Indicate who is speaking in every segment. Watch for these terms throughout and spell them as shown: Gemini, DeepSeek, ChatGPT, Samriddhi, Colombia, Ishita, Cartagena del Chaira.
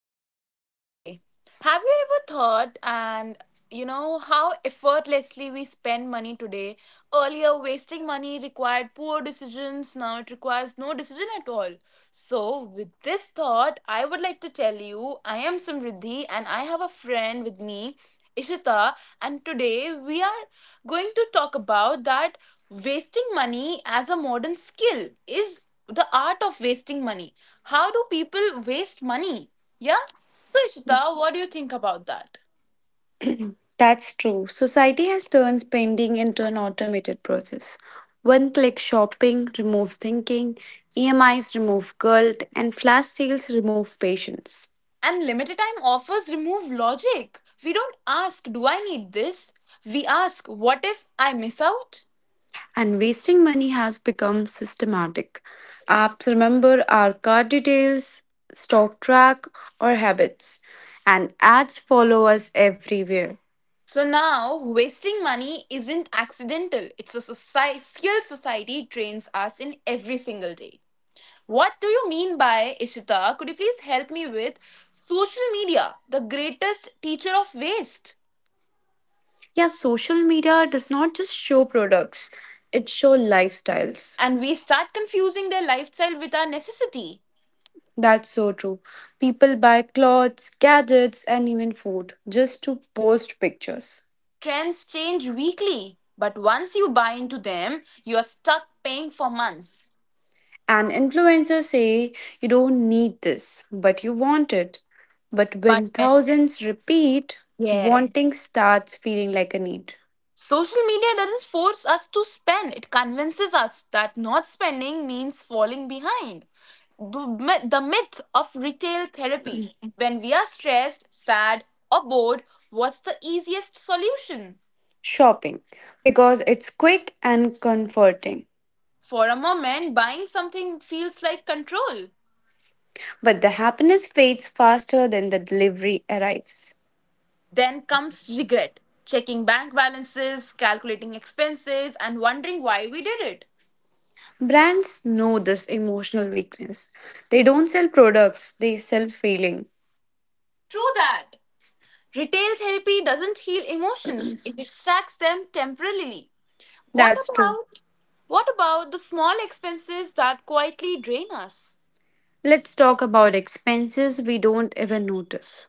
Speaker 1: You are doing well today. Have you ever thought and you know how effortlessly we spend money today? Earlier, wasting money required poor decisions, now it requires no decision at all. So, with this thought, I would like to tell you I am Samriddhi and I have a friend with me, Ishita, and today we are going to talk about that wasting money as a modern skill is the art of wasting money. How do people waste money? Yeah? So, Ishita, what do you think about that?
Speaker 2: That's true. Society has turned spending into an automated process. One click shopping removes thinking, EMIs remove guilt, and flash sales remove patience.
Speaker 1: And limited time offers remove logic. We don't ask, do I need this? We ask, what if I miss out?
Speaker 2: And wasting money has become systematic. Apps remember our card details, stock track, or habits, and ads follow us everywhere.
Speaker 1: So now, wasting money isn't accidental. It's a society, society trains us in every single day. What do you mean by Ishita? Could you please help me with social media, the greatest teacher of waste?
Speaker 2: Yeah, social media does not just show products, it shows lifestyles.
Speaker 1: And we start confusing their lifestyle with our necessity.
Speaker 2: That's so true. People buy clothes, gadgets, and even food just to post pictures.
Speaker 1: Trends change weekly, but once you buy into them, you are stuck paying for months.
Speaker 2: And influencers say you don't need this, but you want it. But
Speaker 1: But
Speaker 2: when thousands repeat,
Speaker 1: yes,
Speaker 2: wanting starts feeling like a need.
Speaker 1: social media doesn't force us to spend, it convinces us that not spending means falling behind. The myth of retail therapy, when we are stressed, sad, or bored, what's the easiest solution?
Speaker 2: Shopping, because it's quick and comforting.
Speaker 1: For a moment, buying something feels like control.
Speaker 2: But the happiness fades faster than the delivery arrives.
Speaker 1: Then comes regret, checking bank balances, calculating expenses, and wondering why we did it.
Speaker 2: Brands know this emotional weakness. They don't sell products, they sell feeling.
Speaker 1: True that. Retail therapy doesn't heal emotions, it distracts them temporarily. what
Speaker 2: That's true.
Speaker 1: about what about the small expenses that quietly drain us?
Speaker 2: Let's talk about expenses we don't even notice.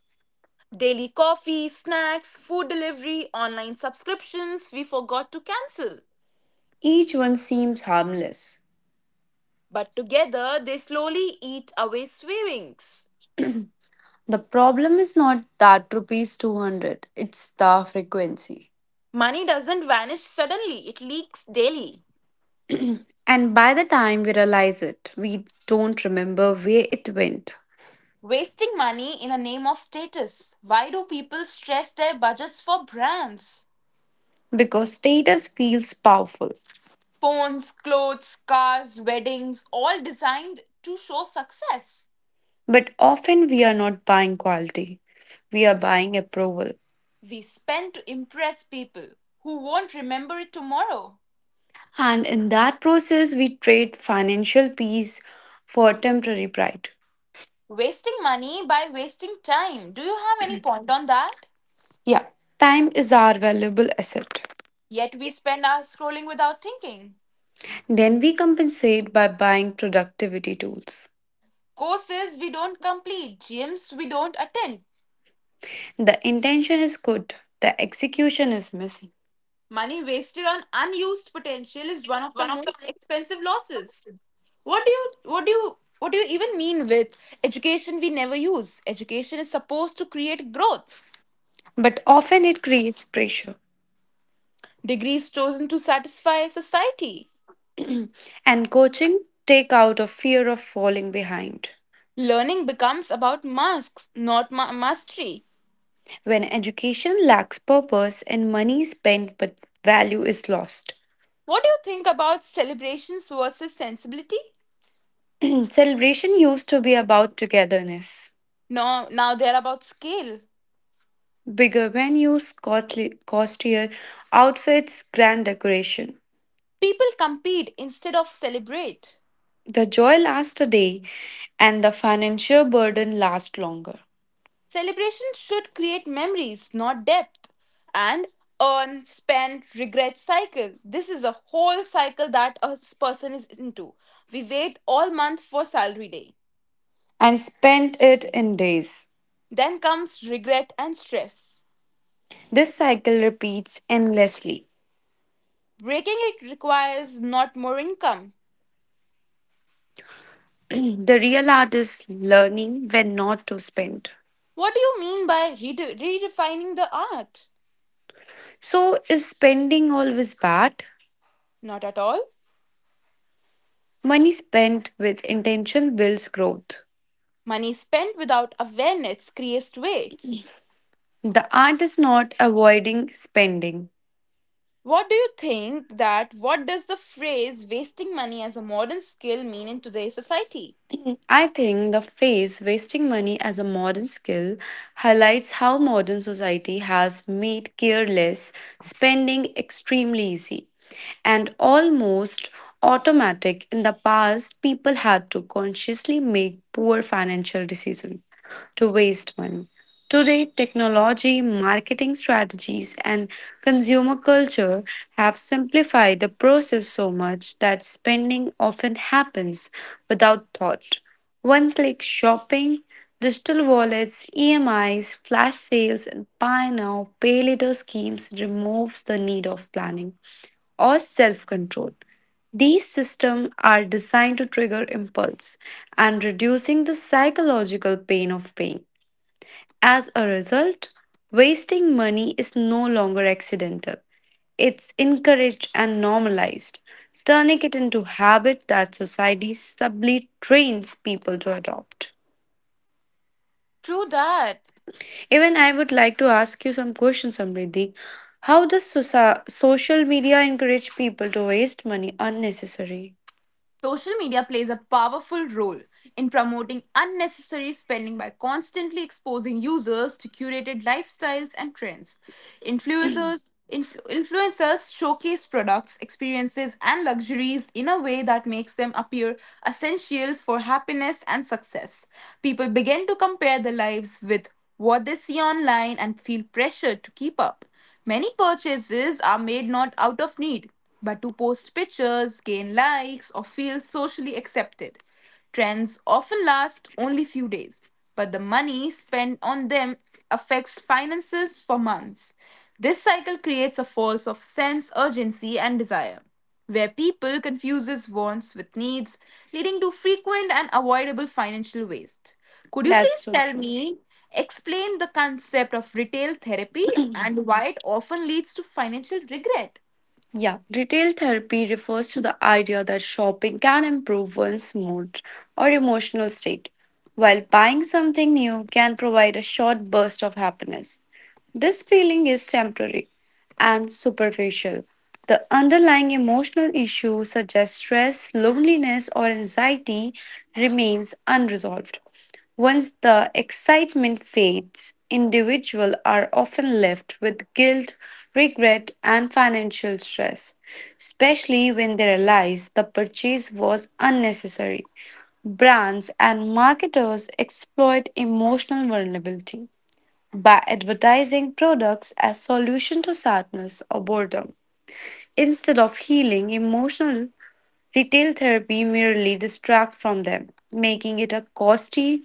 Speaker 1: Daily coffee, snacks, food delivery, online subscriptions we forgot to cancel.
Speaker 2: Each one seems harmless.
Speaker 1: But together they slowly eat away savings.
Speaker 2: The problem is not that rupees 200, it's the frequency.
Speaker 1: Money doesn't vanish suddenly, it leaks daily.
Speaker 2: And by the time we realize it, we don't remember where it went.
Speaker 1: Wasting money in the name of status. Why do people stress their budgets for brands?
Speaker 2: Because status feels powerful.
Speaker 1: Phones, clothes, cars, weddings, all designed to show success.
Speaker 2: But often we are not buying quality, we are buying approval.
Speaker 1: We spend to impress people who won't remember it tomorrow.
Speaker 2: And in that process, we trade financial peace for temporary pride.
Speaker 1: Wasting money by wasting time. Do you have any point on that?
Speaker 2: Yeah, time is our valuable asset.
Speaker 1: Yet we spend hours scrolling without thinking.
Speaker 2: Then we compensate by buying productivity tools.
Speaker 1: Courses we don't complete, gyms we don't attend.
Speaker 2: The intention is good, the execution is missing.
Speaker 1: Money wasted on unused potential is one of the most expensive losses. What do you what do you what do you even mean with education we never use? Education is supposed to create growth.
Speaker 2: But often it creates pressure.
Speaker 1: Degrees chosen to satisfy society.
Speaker 2: And coaching take out a fear of falling behind.
Speaker 1: Learning becomes about masks, not mastery.
Speaker 2: When education lacks purpose and money is spent but value is lost.
Speaker 1: What do you think about celebrations versus sensibility?
Speaker 2: Celebration used to be about togetherness.
Speaker 1: No, now they're about scale.
Speaker 2: Bigger venues, costlier outfits, grand decoration.
Speaker 1: People compete instead of celebrate.
Speaker 2: The joy lasts a day, and the financial burden lasts longer
Speaker 1: Celebrations should create memories, not depth. And earn, spend, regret cycle. This is a whole cycle that a person is into. We wait all month for salary day.
Speaker 2: and spent it in days.
Speaker 1: Then comes regret and stress.
Speaker 2: This cycle repeats endlessly.
Speaker 1: Breaking it requires not more income.
Speaker 2: The real art is learning when not to spend.
Speaker 1: What do you mean by redefining the art?
Speaker 2: So, is spending always bad?
Speaker 1: Not at all.
Speaker 2: Money spent with intention builds growth.
Speaker 1: Money spent without awareness creates waste.
Speaker 2: The art is not avoiding spending.
Speaker 1: What do you think that what does the phrase wasting money as a modern skill mean in today's society?
Speaker 2: I think the phrase wasting money as a modern skill highlights how modern society has made careless spending extremely easy and almost automatic. In the past, people had to consciously make poor financial decisions to waste money. Today, technology, marketing strategies, and consumer culture have simplified the process so much that spending often happens without thought. One click shopping, digital wallets, EMIs, flash sales, and buy now, pay later schemes removes the need of planning or self control. These systems are designed to trigger impulse and reducing the psychological pain of paying. As a result, wasting money is no longer accidental. It's encouraged and normalized, turning it into habit that society subtly trains people to adopt.
Speaker 1: True that.
Speaker 2: Even I would like to ask you some questions, Samriddhi. How does social media encourage people to waste money unnecessary?
Speaker 1: Social media plays a powerful role in promoting unnecessary spending by constantly exposing users to curated lifestyles and trends. Influencers showcase products, experiences, and luxuries in a way that makes them appear essential for happiness and success. People begin to compare their lives with what they see online and feel pressured to keep up. Many purchases are made not out of need, but to post pictures, gain likes, or feel socially accepted. Trends often last only few days, but the money spent on them affects finances for months. This cycle creates a false of sense, urgency and desire, where people confuses wants with needs, leading to frequent and avoidable financial waste. Could you
Speaker 2: That's
Speaker 1: please
Speaker 2: so
Speaker 1: tell
Speaker 2: true.
Speaker 1: me explain the concept of retail therapy and why it often leads to financial regret?
Speaker 2: Yeah, retail therapy refers to the idea that shopping can improve one's mood or emotional state, while buying something new can provide a short burst of happiness. This feeling is temporary and superficial. The underlying emotional issue, such as stress, loneliness, or anxiety, remains unresolved. Once the excitement fades, individuals are often left with guilt, regret, and financial stress, especially when they realize the purchase was unnecessary. Brands and marketers exploit emotional vulnerability by advertising products as solution to sadness or boredom. Instead of healing emotional, retail therapy merely distract from them, making it a costly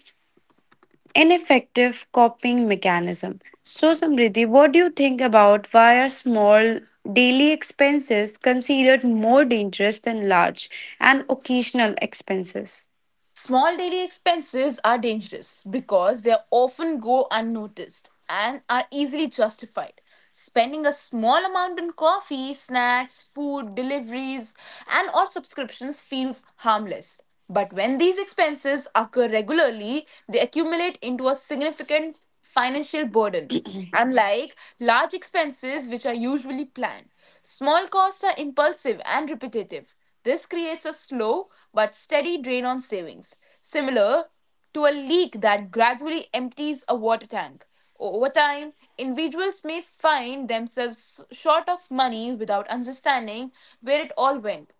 Speaker 2: ineffective coping mechanism. So, Samriddhi, what do you think about why are small daily expenses considered more dangerous than large and occasional expenses?
Speaker 1: Small daily expenses are dangerous because they often go unnoticed and are easily justified. Spending a small amount on coffee, snacks, food, deliveries, and or subscriptions feels harmless. But when these expenses occur regularly, they accumulate into a significant financial burden. Unlike large expenses, which are usually planned, small costs are impulsive and repetitive. This creates a slow but steady drain on savings, similar to a leak that gradually empties a water tank. Over time, individuals may find themselves short of money without understanding where it all went,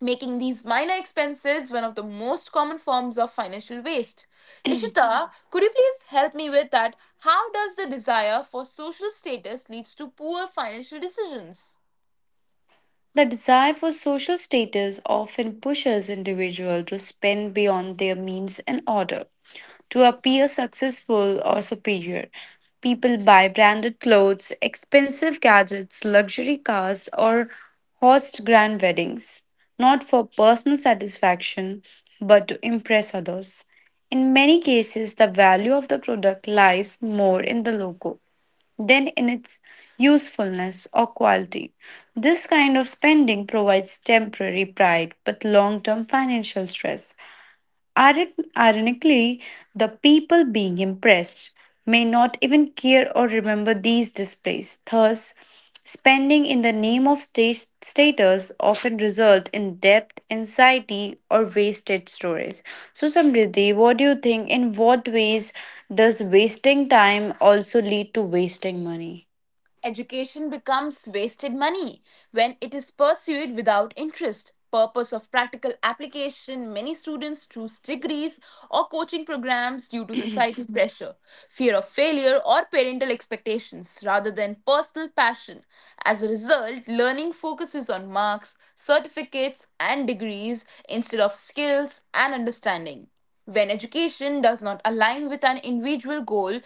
Speaker 1: making these minor expenses one of the most common forms of financial waste. Ishita, could you please help me with that? How does the desire for social status leads to poor financial decisions?
Speaker 2: The desire for social status often pushes individuals to spend beyond their means in order to appear successful or superior. People buy branded clothes, expensive gadgets, luxury cars, or host grand weddings, not for personal satisfaction, but to impress others. In many cases, the value of the product lies more in the logo than in its usefulness or quality. This kind of spending provides temporary pride but long term financial stress. Ironically, the people being impressed may not even care or remember these displays. Thus, spending in the name of status often result in debt, anxiety, or wasted stories. So, Samriddhi, what do you think? In what ways does wasting time also lead to wasting money?
Speaker 1: Education becomes wasted money when it is pursued without interest. Purpose of practical application. Many students choose degrees or coaching programs due to society's pressure, fear of failure, or parental expectations rather than personal passion. As a result, learning focuses on marks, certificates, and degrees instead of skills and understanding. When education does not align with an individual goal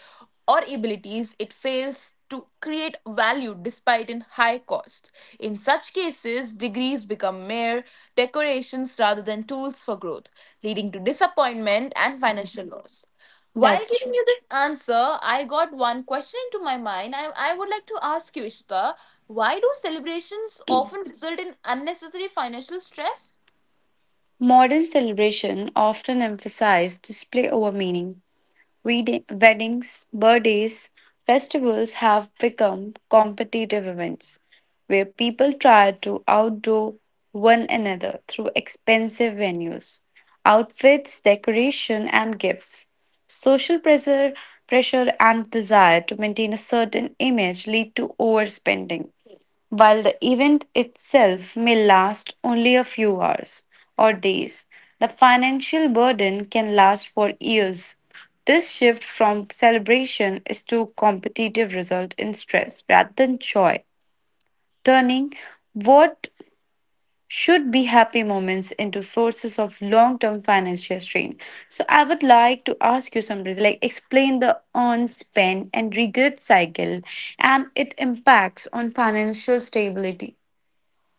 Speaker 1: or abilities, it fails to create value despite in high cost. In such cases, degrees become mere decorations rather than tools for growth, leading to disappointment and financial loss. While
Speaker 2: That's
Speaker 1: giving
Speaker 2: true.
Speaker 1: you this answer, I got one question into my mind. I would like to ask you, Ishita, why do celebrations often result in unnecessary financial stress?
Speaker 2: Modern celebration often emphasize display over meaning. Weddings, birthdays, festivals have become competitive events where people try to outdo one another through expensive venues, outfits, decoration, and gifts. Social pressure, Pressure and desire to maintain a certain image lead to overspending while the event itself may last only a few hours or days, the financial burden can last for years. This shift from celebration is to competitive result in stress rather than joy, turning what should be happy moments into sources of long-term financial strain. So I would like to ask you something like explain the earn, spend, and regret cycle and its impacts on financial stability.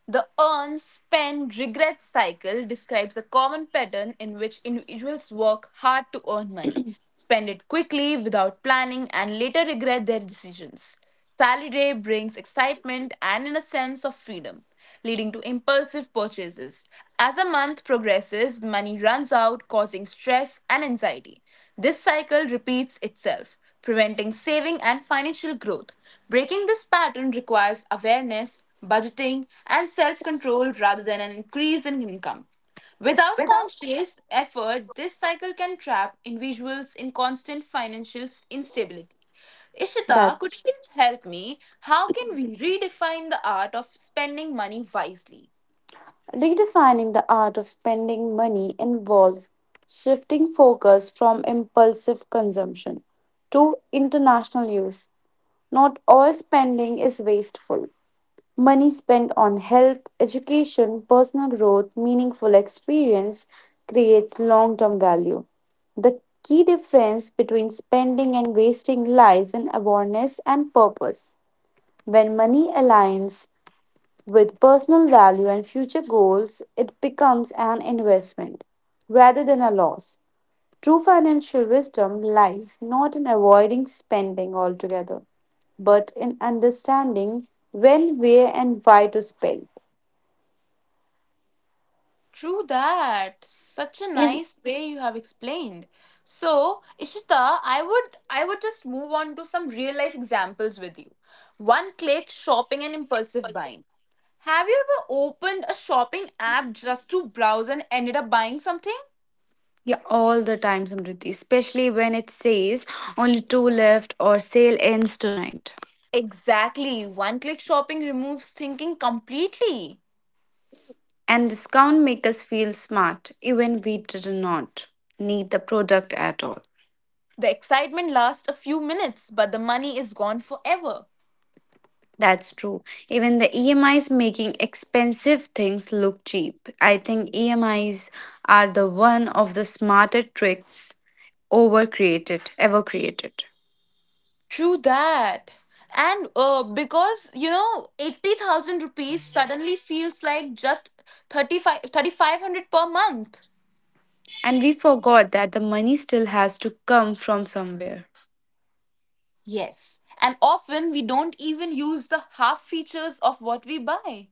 Speaker 1: The earn, spend, regret cycle describes a common pattern in which individuals work hard to earn money, spend it quickly without planning, and later regret their decisions. Sally day brings excitement and in a sense of freedom, leading to impulsive purchases. As the month progresses, money runs out, causing stress and anxiety. This cycle repeats itself, preventing saving and financial growth. Breaking this pattern requires awareness, budgeting, and self control rather than an increase in income. Without conscious effort, this cycle can trap individuals in constant financial instability. Ishita, could you
Speaker 2: That's
Speaker 1: please help me? How can we redefine the art of spending money wisely?
Speaker 2: redefining the art of spending money involves shifting focus from impulsive consumption to international use. Not all spending is wasteful. Money spent on health, education, personal growth, meaningful experience creates long term value. The key difference between spending and wasting lies in awareness and purpose. When money aligns with personal value and future goals, it becomes an investment rather than a loss. True financial wisdom lies not in avoiding spending altogether, but in understanding when, where, and why to spend.
Speaker 1: True that. Such a
Speaker 2: Ev-
Speaker 1: nice way you have explained. So, Ishita, I would just move on to some real life examples with you. One click shopping and impulsive buying. Have you ever opened a shopping app just to browse and ended up buying something?
Speaker 2: yeah, all the time, Samriti, especially when it says only two left or sale ends tonight.
Speaker 1: Exactly. One click shopping removes thinking completely.
Speaker 2: And discount make us feel smart, even we did not need the product at all.
Speaker 1: The excitement lasts a few minutes, but the money is gone forever.
Speaker 2: That's true. Even the EMIs making expensive things look cheap. I think EMIs are the one of the smarter tricks ever created.
Speaker 1: True that. And because, you know, 80,000 rupees suddenly feels like just 3,500 per month.
Speaker 2: And we forgot that the money still has to come from somewhere.
Speaker 1: Yes. And often we don't even use the half features of what we buy.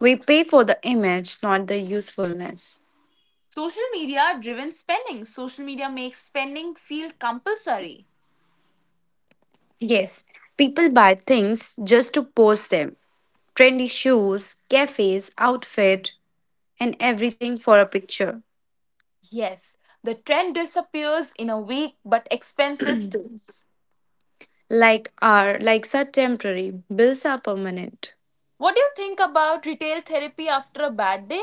Speaker 2: We pay for the image, not the usefulness.
Speaker 1: Social media driven spending. Social media makes spending feel compulsory.
Speaker 2: Yes, people buy things just to post them. Trendy shoes, cafes, outfit, and everything for a picture.
Speaker 1: Yes. The trend disappears in a week, but expenses stays.
Speaker 2: Like our likes are temporary, bills are permanent.
Speaker 1: What do you think about retail therapy after a bad day?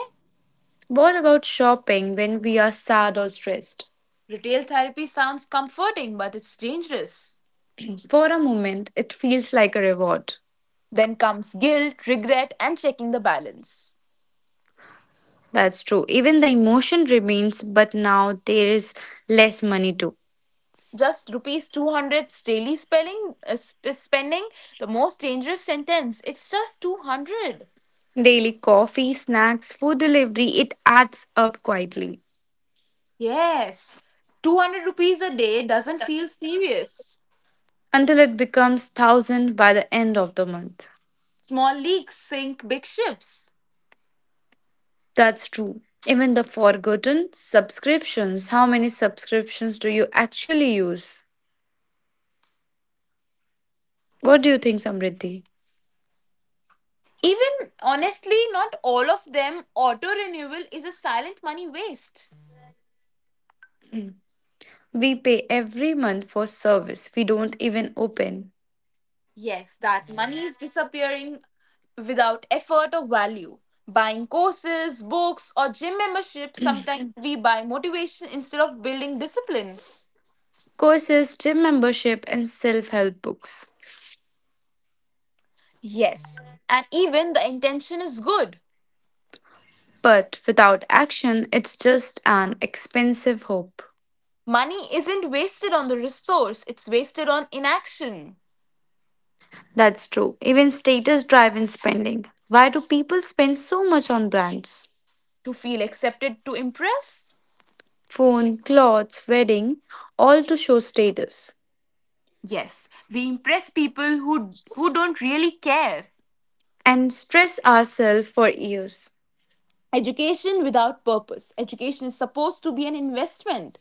Speaker 2: What about shopping when we are sad or stressed?
Speaker 1: Retail therapy sounds comforting, but it's dangerous.
Speaker 2: For a moment, it feels like a reward.
Speaker 1: Then comes guilt, regret, and checking the balance.
Speaker 2: That's true. Even the emotion remains, but now there is less money too.
Speaker 1: Just rupees 200 daily spending, the most dangerous sentence. It's just 200.
Speaker 2: Daily coffee, snacks, food delivery, it adds up quietly
Speaker 1: Yes, 200 rupees a day doesn't feel serious.
Speaker 2: until it becomes thousand by the end of the month.
Speaker 1: Small leaks sink big ships.
Speaker 2: That's true. Even the forgotten subscriptions, how many subscriptions do you actually use? What do you think, Samriddhi?
Speaker 1: Even honestly, not all of them. Auto renewal is a silent money waste.
Speaker 2: We pay every month for service we don't even open.
Speaker 1: Yes, that money is disappearing without effort or value. Buying courses, books, or gym memberships, sometimes we buy motivation instead of building discipline.
Speaker 2: Courses, gym membership, and self help books.
Speaker 1: Yes, and even the intention is good.
Speaker 2: But without action, it's just an expensive hope.
Speaker 1: Money isn't wasted on the resource, it's wasted on inaction.
Speaker 2: That's true. Even status driven spending. Why do people spend so much on brands?
Speaker 1: To feel accepted, to impress?
Speaker 2: Phone, clothes, wedding, all to show status.
Speaker 1: Yes, we impress people who don't really care.
Speaker 2: And stress ourselves for years.
Speaker 1: Education without purpose. Education is supposed to be an investment.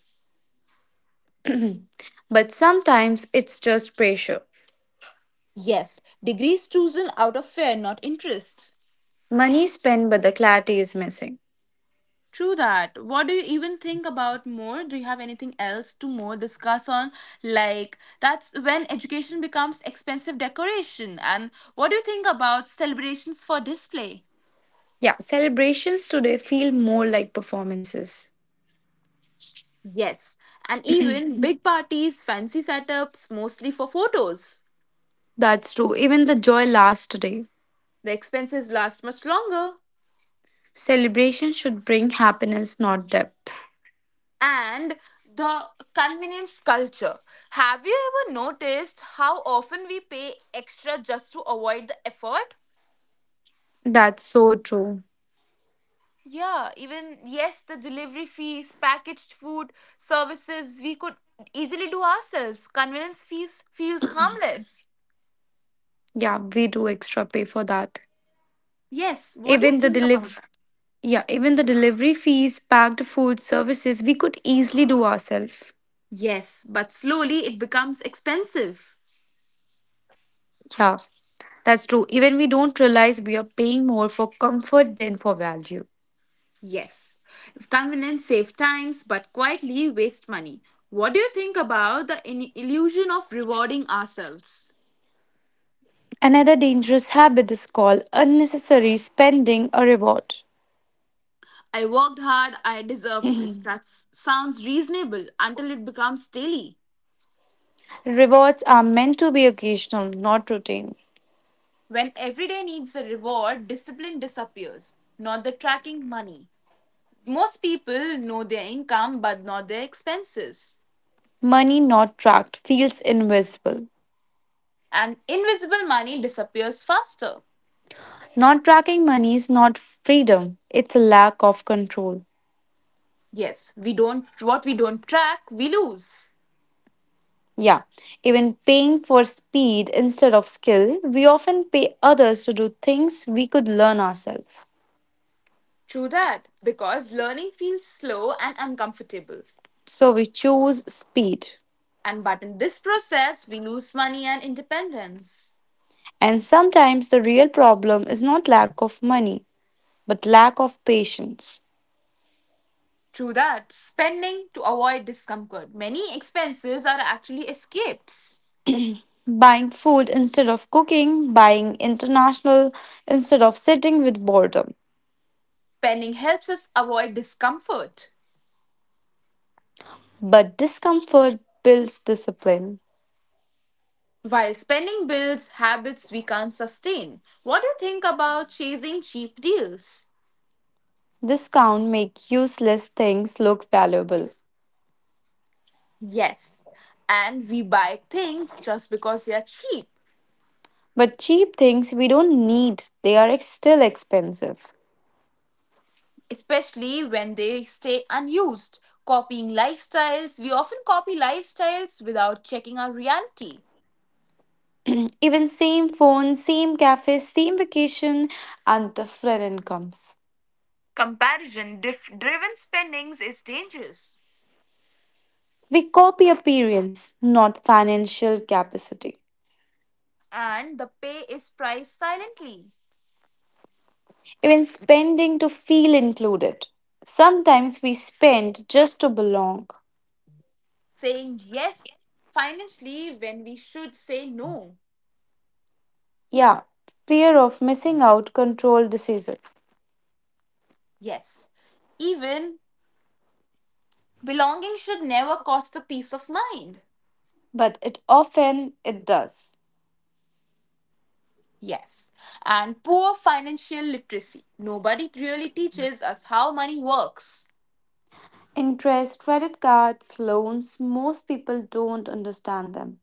Speaker 2: But sometimes it's just pressure.
Speaker 1: Yes, degrees chosen out of fear, not interest.
Speaker 2: Money spent, but the clarity is missing.
Speaker 1: True that. What do you even think about more? Do you have anything else to more discuss on? Like, that's when education becomes expensive decoration. And what do you think about celebrations for display?
Speaker 2: Yeah, celebrations today feel more like performances.
Speaker 1: Yes, and even big parties, fancy setups, mostly for photos.
Speaker 2: That's true. Even the joy lasts today.
Speaker 1: The expenses last much longer.
Speaker 2: Celebration should bring happiness, not depth.
Speaker 1: And the convenience culture. Have you ever noticed how often we pay extra just to avoid the effort?
Speaker 2: That's so true.
Speaker 1: Yeah, even yes, the delivery fees, packaged food, services we could easily do ourselves. Convenience fees feels harmless.
Speaker 2: Yeah, we do extra pay for that.
Speaker 1: Yes, what do you
Speaker 2: Even the
Speaker 1: think about?
Speaker 2: deliv Yeah, even the delivery fees, packed food, services we could easily do ourselves.
Speaker 1: Yes, but slowly it becomes expensive.
Speaker 2: Yeah, that's true. Even we don't realize we are paying more for comfort than for value.
Speaker 1: Yes, if convenience save times but quietly waste money. What do you think about the illusion of rewarding ourselves?
Speaker 2: Another dangerous habit is called unnecessary spending a reward.
Speaker 1: I worked hard, I deserve this. That sounds reasonable until it becomes daily.
Speaker 2: Rewards are meant to be occasional, not routine.
Speaker 1: When everyday needs a reward, discipline disappears, not the tracking money. Most people know their income but not their expenses.
Speaker 2: Money not tracked feels invisible.
Speaker 1: And invisible money disappears faster.
Speaker 2: Not tracking money is not freedom, it's a lack of control.
Speaker 1: Yes, we don't what we don't track, we lose.
Speaker 2: Yeah, even paying for speed instead of skill, we often pay others to do things we could learn ourselves.
Speaker 1: True that, because learning feels slow and uncomfortable.
Speaker 2: So we choose speed.
Speaker 1: And but in this process, we lose money and independence.
Speaker 2: And sometimes the real problem is not lack of money, but lack of patience.
Speaker 1: True that, spending to avoid discomfort. Many expenses are actually escapes.
Speaker 2: Buying food instead of cooking, buying international instead of sitting with boredom.
Speaker 1: Spending helps us avoid discomfort.
Speaker 2: But discomfort builds discipline.
Speaker 1: While spending builds habits we can't sustain. What do you think about chasing cheap deals?
Speaker 2: Discount make useless things look valuable.
Speaker 1: Yes, and we buy things just because they are cheap,
Speaker 2: But cheap things we don't need, they are still expensive.
Speaker 1: especially when they stay unused. Copying lifestyles, we often copy lifestyles without checking our reality.
Speaker 2: Even same phone, same cafe, same vacation and different incomes.
Speaker 1: Comparison driven spendings is dangerous,
Speaker 2: We copy appearance, not financial capacity.
Speaker 1: and the pay is priced silently.
Speaker 2: Even spending to feel included. Sometimes we spend just to belong.
Speaker 1: Saying yes financially when we should say no.
Speaker 2: Yeah, fear of missing out control decision.
Speaker 1: Yes. Even belonging should never cost a peace of mind.
Speaker 2: But it often it does.
Speaker 1: Yes. And poor financial literacy. Nobody really teaches us how money works.
Speaker 2: Interest, credit cards, loans, most people don't understand them.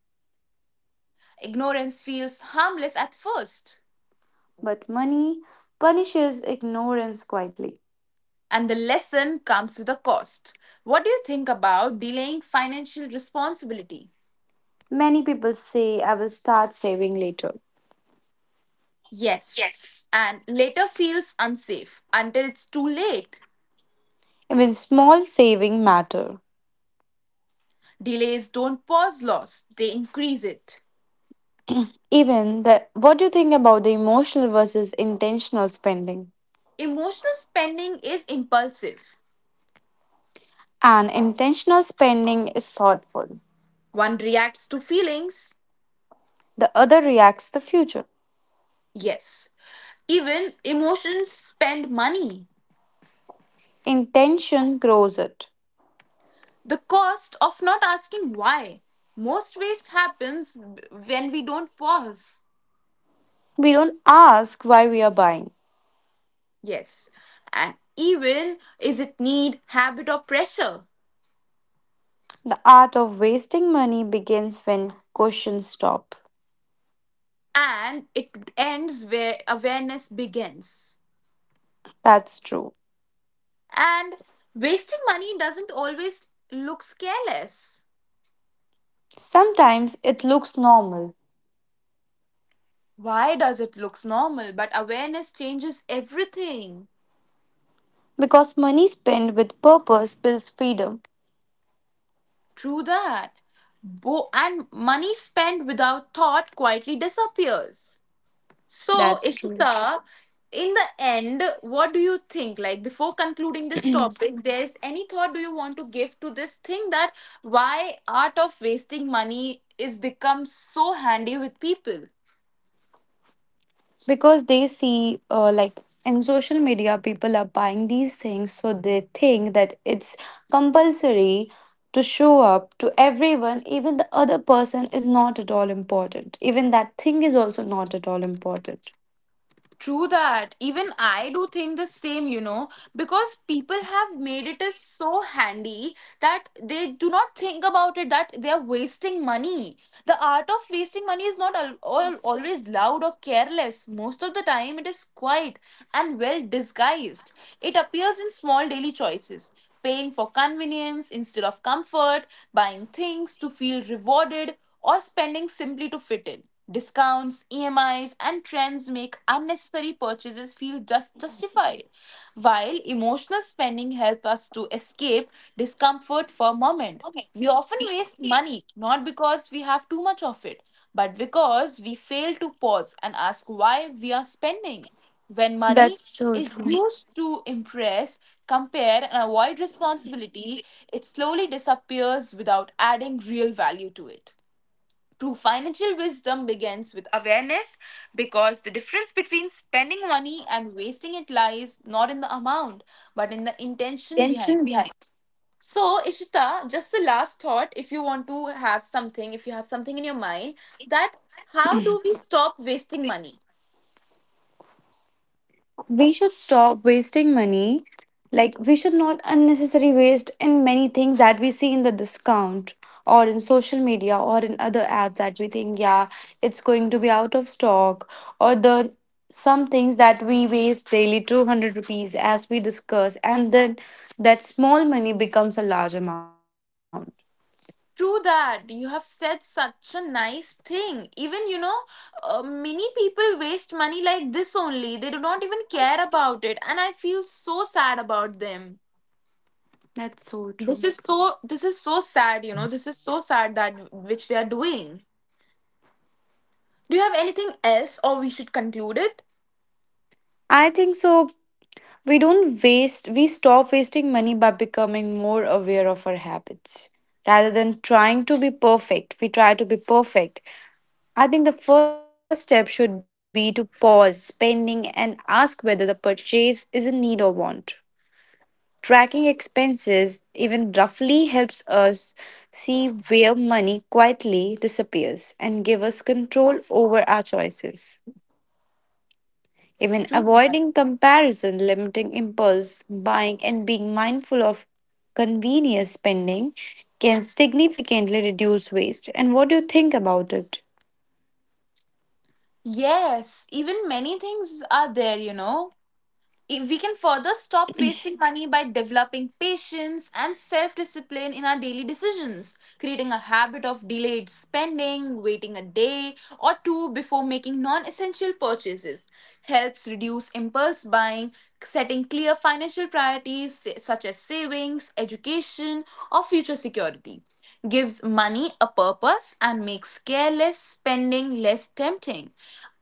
Speaker 1: Ignorance feels harmless at first,
Speaker 2: But money punishes ignorance quietly.
Speaker 1: and the lesson comes with a cost. What do you think about delaying financial responsibility?
Speaker 2: Many people say I will start saving later.
Speaker 1: Yes,
Speaker 2: Yes.
Speaker 1: and later feels unsafe until it's too late.
Speaker 2: Even small saving matter.
Speaker 1: Delays don't pause loss, they increase it.
Speaker 2: Even the what do you think about the emotional versus intentional spending?
Speaker 1: Emotional spending is impulsive.
Speaker 2: An intentional spending is thoughtful.
Speaker 1: One reacts to feelings,
Speaker 2: The other reacts the future.
Speaker 1: yes. Even emotions spend money.
Speaker 2: Intention grows it.
Speaker 1: The cost of not asking why. Most waste happens when we don't pause.
Speaker 2: We don't ask why we are buying.
Speaker 1: Yes. And even is it need, habit, or pressure?
Speaker 2: The art of wasting money begins when questions stop.
Speaker 1: And it ends where awareness begins.
Speaker 2: That's true.
Speaker 1: And wasting money doesn't always look careless.
Speaker 2: Sometimes it looks normal
Speaker 1: Why does it looks normal? But awareness changes everything.
Speaker 2: because money spent with purpose builds freedom.
Speaker 1: True that. And money spent without thought quietly disappears. So,
Speaker 2: That's true.
Speaker 1: Ishita, in the end, what do you think? Like, before concluding this topic, there's any thought do you want to give to this thing that why art of wasting money is become so handy with people?
Speaker 2: Because they see like in social media people are buying these things, so they think that it's compulsory to show up to everyone, even the other person is not at all important, even that thing is also not at all important.
Speaker 1: True that. Even I do think the same, because people have made it is so handy that they do not think about it that they are wasting money. The art of wasting money is not all, always loud or careless. Most of the time it is quiet and well disguised. It appears in small daily choices: paying for convenience instead of comfort, buying things to feel rewarded, or spending simply to fit in. Discounts, emis and trends make unnecessary purchases feel just justified, while emotional spending help us to escape discomfort for a moment. We often waste money not because we have too much of it, but because we fail to pause and ask why we are spending. When money
Speaker 2: That's so
Speaker 1: is
Speaker 2: true.
Speaker 1: used to impress, compare, and avoid responsibility, it slowly disappears without adding real value to it. True financial wisdom begins with awareness, because the difference between spending money and wasting it lies not in the amount but in the intention
Speaker 2: Intention
Speaker 1: behind.
Speaker 2: behind.
Speaker 1: So, Ishita, just the last thought, if you want to have something, if you have something in your mind, that how do we stop wasting money?
Speaker 2: We should stop wasting money, like we should not unnecessary waste in many things that we see in the discount or in social media or in other apps that we think yeah, it's going to be out of stock, or the some things that we waste daily 200 rupees as we discuss, and then that small money becomes a large amount.
Speaker 1: True that, you have said such a nice thing. Even many people waste money like this only. They do not even care about it, and I feel so sad about them.
Speaker 2: That's so true.
Speaker 1: This is so. This is so sad. This is so sad that which they are doing. Do you have anything else, or we should conclude it?
Speaker 2: I think so. We don't waste, we stop wasting money by becoming more aware of our habits. Rather than trying to be perfect, we try to be perfect. I think the first step should be to pause spending and ask whether the purchase is a need or want. Tracking expenses, even roughly, helps us see where money quietly disappears and give us control over our choices. Even
Speaker 1: True.
Speaker 2: avoiding comparison, limiting impulse buying, and being mindful of convenience spending can significantly reduce waste. And what do you think about it?
Speaker 1: Yes, even many things are there, We can further stop wasting money by developing patience and self discipline in our daily decisions, creating a habit of delayed spending. Waiting a day or two before making non essential purchases helps reduce impulse buying. Setting clear financial priorities such as savings, education, or future security, gives money a purpose, and makes careless spending less tempting.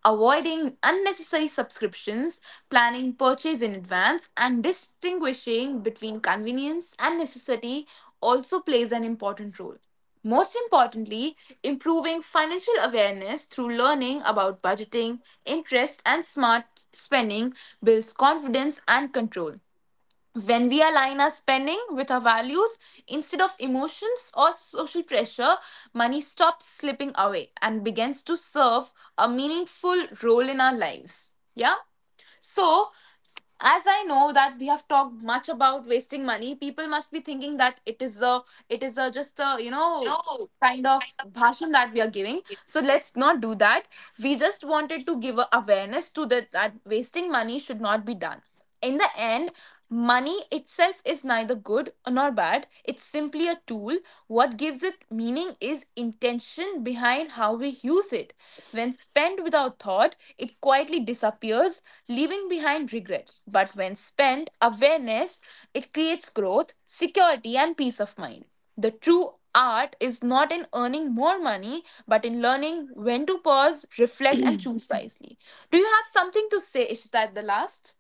Speaker 1: Avoiding unnecessary subscriptions, planning purchase in advance, and distinguishing between convenience and necessity also plays an important role. Most importantly, improving financial awareness through learning about budgeting, interest, and smart spending builds confidence and control. When we align our spending with our values instead of emotions or social pressure, money stops slipping away and begins to serve a meaningful role in our lives. Yeah? So, as I know that we have talked much about wasting money, people must be thinking that it is a, it is a just a kind of bhashan that we are giving. So let's not do that. We just wanted to give a awareness to that that wasting money should not be done. In the end, money itself is neither good nor bad. It's simply a tool. What gives it meaning is intention behind how we use it. When spent without thought, it quietly disappears, leaving behind regret. But when spent awareness, it creates growth, security, and peace of mind. The true art is not in earning more money, but in learning when to pause, reflect, and choose wisely. Do you have something to say, Ishita, at the last?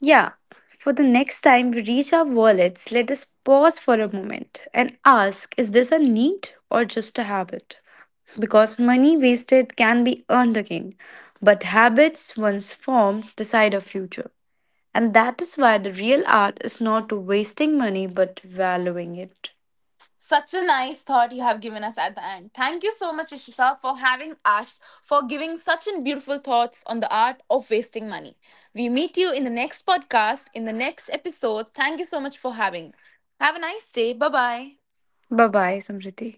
Speaker 2: Yeah, for the next time we reach our wallets, let us pause for a moment and ask is this a need or just a habit? Because money wasted can be earned again, but habits once formed decide our future. And that is why the real art is not wasting money but valuing it.
Speaker 1: Such a nice thought you have given us at the end. Thank you so much, Ishita, for having us, for giving such an beautiful thoughts on the art of wasting money. We meet you in the next podcast, in the next episode. Thank you so much for having. Have a nice day. Bye bye.
Speaker 2: Bye bye, Samriti.